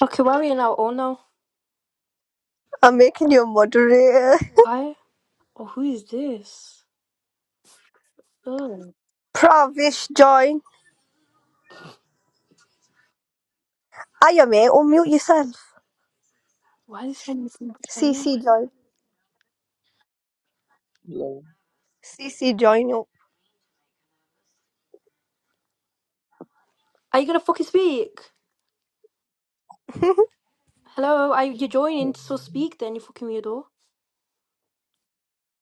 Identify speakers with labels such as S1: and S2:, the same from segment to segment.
S1: Okay, why are we in our own now? Oh
S2: I'm making you a moderator.
S1: no, why? Oh, who is this? Oh,
S2: Pravish, join. I am mate, unmute yourself.
S1: why is he joining?
S2: CC, join.
S3: Long
S2: CC, join you.
S1: Are you gonna fucking speak? Hello, are you you're joining? So
S3: term.
S1: speak then, you fucking weirdo.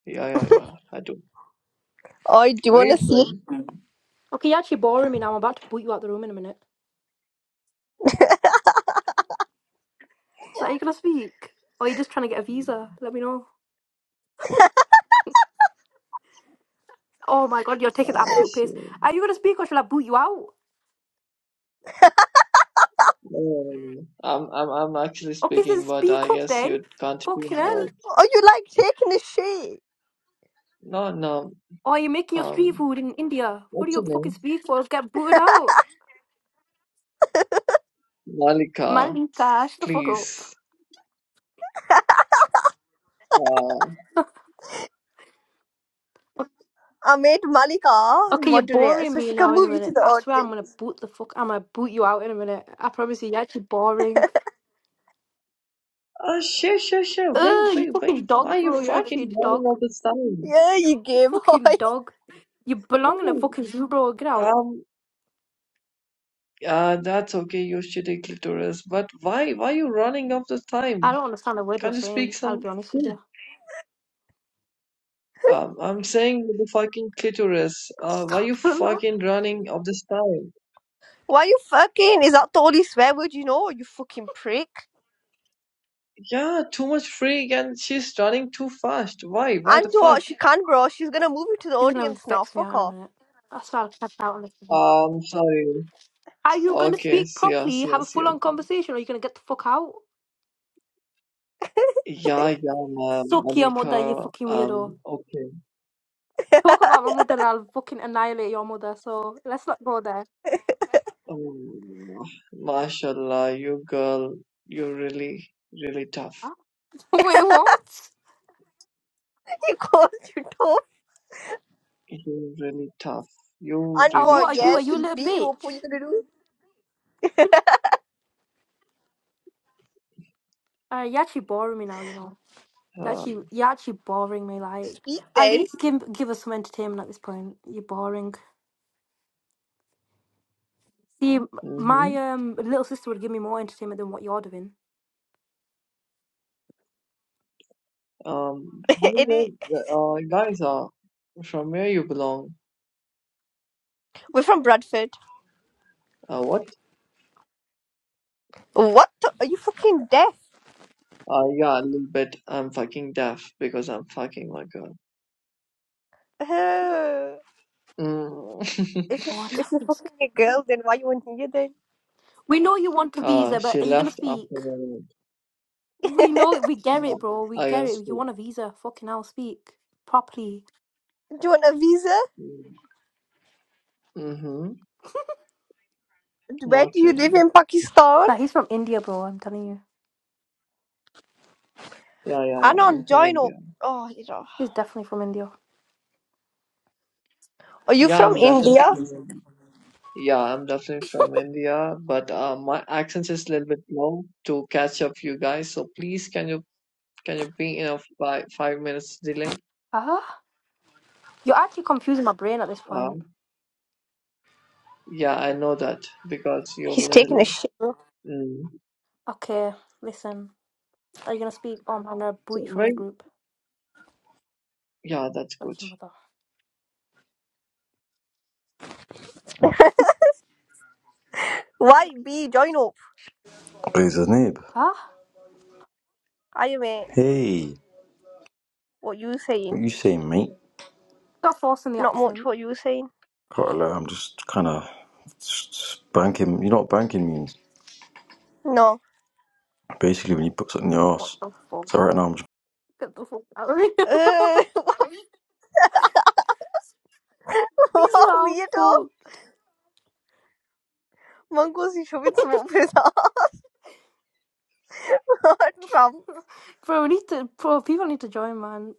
S3: Yeah, yeah, yeah. I do.
S2: I do you
S3: Where
S2: want
S3: you
S2: to see?
S3: from?
S1: Okay, you're actually boring me now. I'm about to boot you out the room in a minute. So are you gonna speak? Or are you just trying to get a visa? Let me know. Oh my god, you're taking the
S3: Ah,
S1: absolute
S3: shit.
S1: piss. Are you gonna speak or shall I boot you out?
S3: No, no, no. no. I'm, I'm, I'm actually
S1: Okay, then
S3: speaking, but
S1: speak
S3: I
S1: up
S3: guess
S1: then.
S3: you can't hear
S1: Fucking
S3: my
S1: hell.
S3: voice.
S2: Oh, you like taking a shit?
S3: No, no.
S1: Or are you making your street
S3: Um,
S1: food in India? What are
S3: what's
S1: you
S3: your
S1: up fucking
S3: name?
S1: speak for? Get booted out.
S3: Malika,
S1: Man, cash the fuck up.
S3: please. Uh,
S2: I made Malika
S1: Okay, you're
S2: moderator
S1: boring
S2: so
S1: me
S2: she can
S1: now in a
S2: move you to
S1: minute.
S2: the
S1: I swear I'm gonna
S2: audience.
S1: boot the fuck. I'm gonna boot you out in a minute. I promise you, you're actually boring.
S3: ah, sure, sure, sure. Wait,
S1: Ugh, you
S3: wait, wait.
S1: fucking
S3: Why
S1: dog,
S3: are you
S1: bro. You're actually a
S3: fucking running
S1: dog.
S3: all this time?
S2: Yeah, you
S1: You
S2: gay boy.
S1: fucking dog. You
S3: No.
S1: belong in a
S3: no.
S1: fucking zoo, bro. Get out.
S3: Um. Uh, that's okay, your shitty clitoris. But why, why are you running all the
S1: I
S3: time?
S1: don't understand a word you're
S3: Can't you speak
S1: saying. I'll be
S3: some?
S1: honest with you.
S3: Um, I'm saying with the fucking clitoris. Uh, why
S1: Stop.
S3: you fucking running of this time?
S2: Why you fucking? Is that the only swear word you know? You fucking prick.
S3: Yeah, too much freak and she's running too fast. Why? Why
S2: And
S3: the fuck?
S2: what she can, bro. She's gonna move you to the
S1: He's gonna
S2: audience now.
S1: vex me
S2: Fuck
S1: out in a
S2: off.
S1: minute. I swear I'll catch out on this. one.
S3: Um, sorry.
S1: Are you gonna
S3: Okay,
S1: speak
S3: see ya,
S1: properly,
S3: see
S1: have
S3: ya,
S1: a
S3: see
S1: full
S3: ya.
S1: on conversation, or are you gonna get the fuck out?
S3: Yeah, yeah, ma'am,
S1: Suck your mother, you
S3: Malika.
S1: fucking weirdo.
S3: Um, okay.
S1: Talk about my mother and I'll fucking annihilate your mother, so let's not go there.
S3: Um, mashallah, you girl, you really, really tough.
S1: Wait, what?
S2: You called you dope.
S3: You really tough. You
S2: And
S1: Um,
S3: really
S2: what?
S1: what are
S3: tough.
S2: Yeah,
S1: you? Are you a
S2: she'll
S1: little
S2: beat you
S1: bitch?
S2: up. What you gonna do?
S1: Uh, you're actually boring me now. You know, you're actually
S3: Um,
S1: you're actually boring me. Like,
S2: Speak
S1: at
S2: then.
S1: least give give us some entertainment at this point. You're boring. See, m-
S3: hmm
S1: my um little sister would give me more entertainment than what you're doing.
S3: Um, by the
S2: It
S3: way, the- uh, guys, uh, from where you belong?
S2: We're from Bradford.
S3: Uh, what?
S2: What? The, are you fucking deaf?
S3: Uh, yeah, a little bit. I'm fucking deaf because I'm fucking my girl.
S2: Uh,
S3: Mm.
S2: if you
S1: What
S2: if you're
S1: task?
S2: fucking a girl, then why you in here then?
S1: We know you want a
S3: uh,
S1: visa, but
S3: she
S1: are you gonna
S3: left after
S1: speak?
S3: the night.
S1: We know it. We get
S3: Yeah,
S1: it, bro. We
S3: I
S1: get
S3: can
S1: it. You
S3: speak.
S1: want a visa? Fucking hell, speak properly.
S2: Do you want a visa?
S3: Mm-hmm.
S2: Where
S3: Not
S2: do you live
S3: really.
S2: in Pakistan?
S1: Like, he's from India, bro. I'm telling you,
S3: Yeah, yeah,
S2: I
S3: yeah. I'm
S2: don't
S3: from
S2: join up.
S3: India.
S2: Oh, you know.
S1: he's definitely from India.
S2: Are you
S3: Yeah,
S2: from
S3: I'm definitely
S2: India?
S3: from India. Yeah, I'm definitely from India, but uh, my accent is a little bit low to catch up you guys. So please, can you can you be in a five five minutes delay?
S1: Ah, you're actually confusing my brain at this point.
S3: Um, yeah, I know that because you're a
S2: He's taking a
S3: little.
S2: shit.
S3: Mm.
S1: Okay, listen. Are you gonna speak on I'm gonna
S3: So
S1: boot you from the
S3: very
S1: group?
S3: yeah, that's
S1: Fuck
S3: good.
S1: your mother.
S2: Why be join up?
S4: Praise his neighbor.
S1: Huh?
S2: I am a.
S4: Hey,
S2: What you saying?
S4: what you saying, mate?
S1: Got force in the
S2: Not much.
S1: accent.
S2: What you saying?
S4: Can't I'm just kind of banking. You know what banking means?
S2: No.
S4: Basically, when you put something in your
S1: What
S4: ass.
S1: the fuck?
S4: So right now, I'm just.
S1: Get the fuck out of here,
S2: Uh,
S1: bro. These loud
S2: weirdo.
S1: fuck.
S2: Mongo's you showing smoke with Trump.
S1: Bro, we need to bro, people need to join man.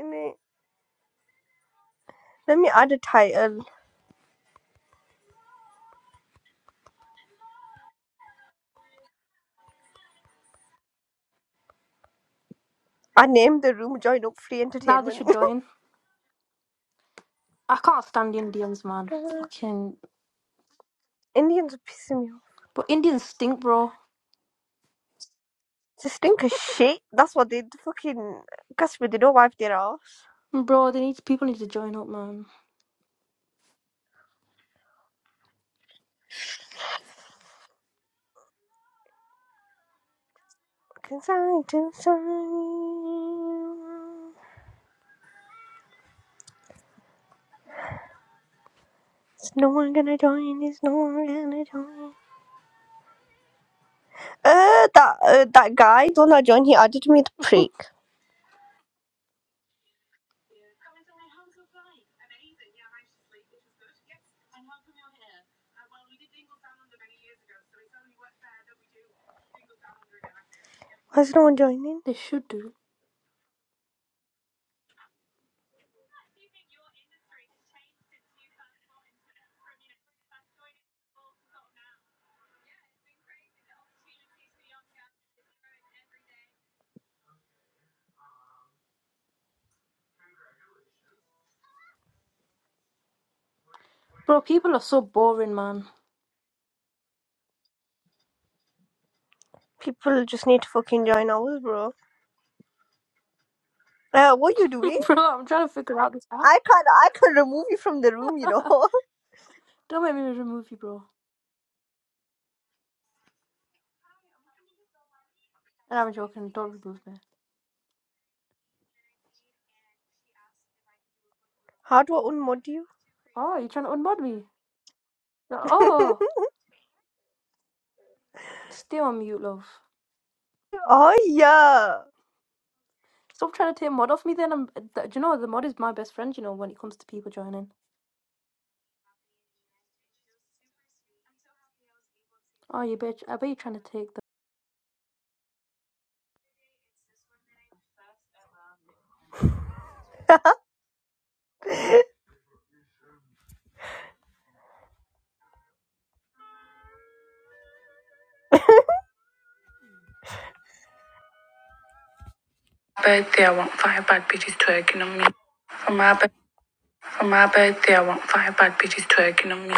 S2: innit? Let me add a title. I named the room Join Up Free
S1: Now they
S2: Entertainment.
S1: should join. I can't stand Indians, man. Fucking
S2: Indians are pissing me off.
S1: but Indians stink, bro.
S2: They stink of shit. That's what they fucking customer. They don't wipe their ass.
S1: Bro, they need people need to join up, man.
S2: Inside, inside. Is no one gonna join? Is no one gonna join? Uh, that uh, that guy, the one that joined, he added me the prick. Why is no one joining?
S1: They should do. Bro, people are so boring, man.
S2: People just need to fucking join ours, bro. Uh, what you doing?
S1: bro, I'm trying to figure out this app.
S2: I can't, I can remove you from the room, you know.
S1: Don't make me remove you, bro. And I'm joking. Don't remove me.
S2: How do I unmod you?
S1: Oh, you're trying to unmod me? No- Oh, stay on mute, love.
S2: Oh yeah.
S1: Stop trying to take mod off me then. I'm, th- do you know, the mod is my best friend, you know, when it comes to people joining. Oh, you bitch. I bet you're trying to take
S2: birthday, I want five bad bitches twerking on me. For my bir- for my birthday, I want five bad bitches twerking on me.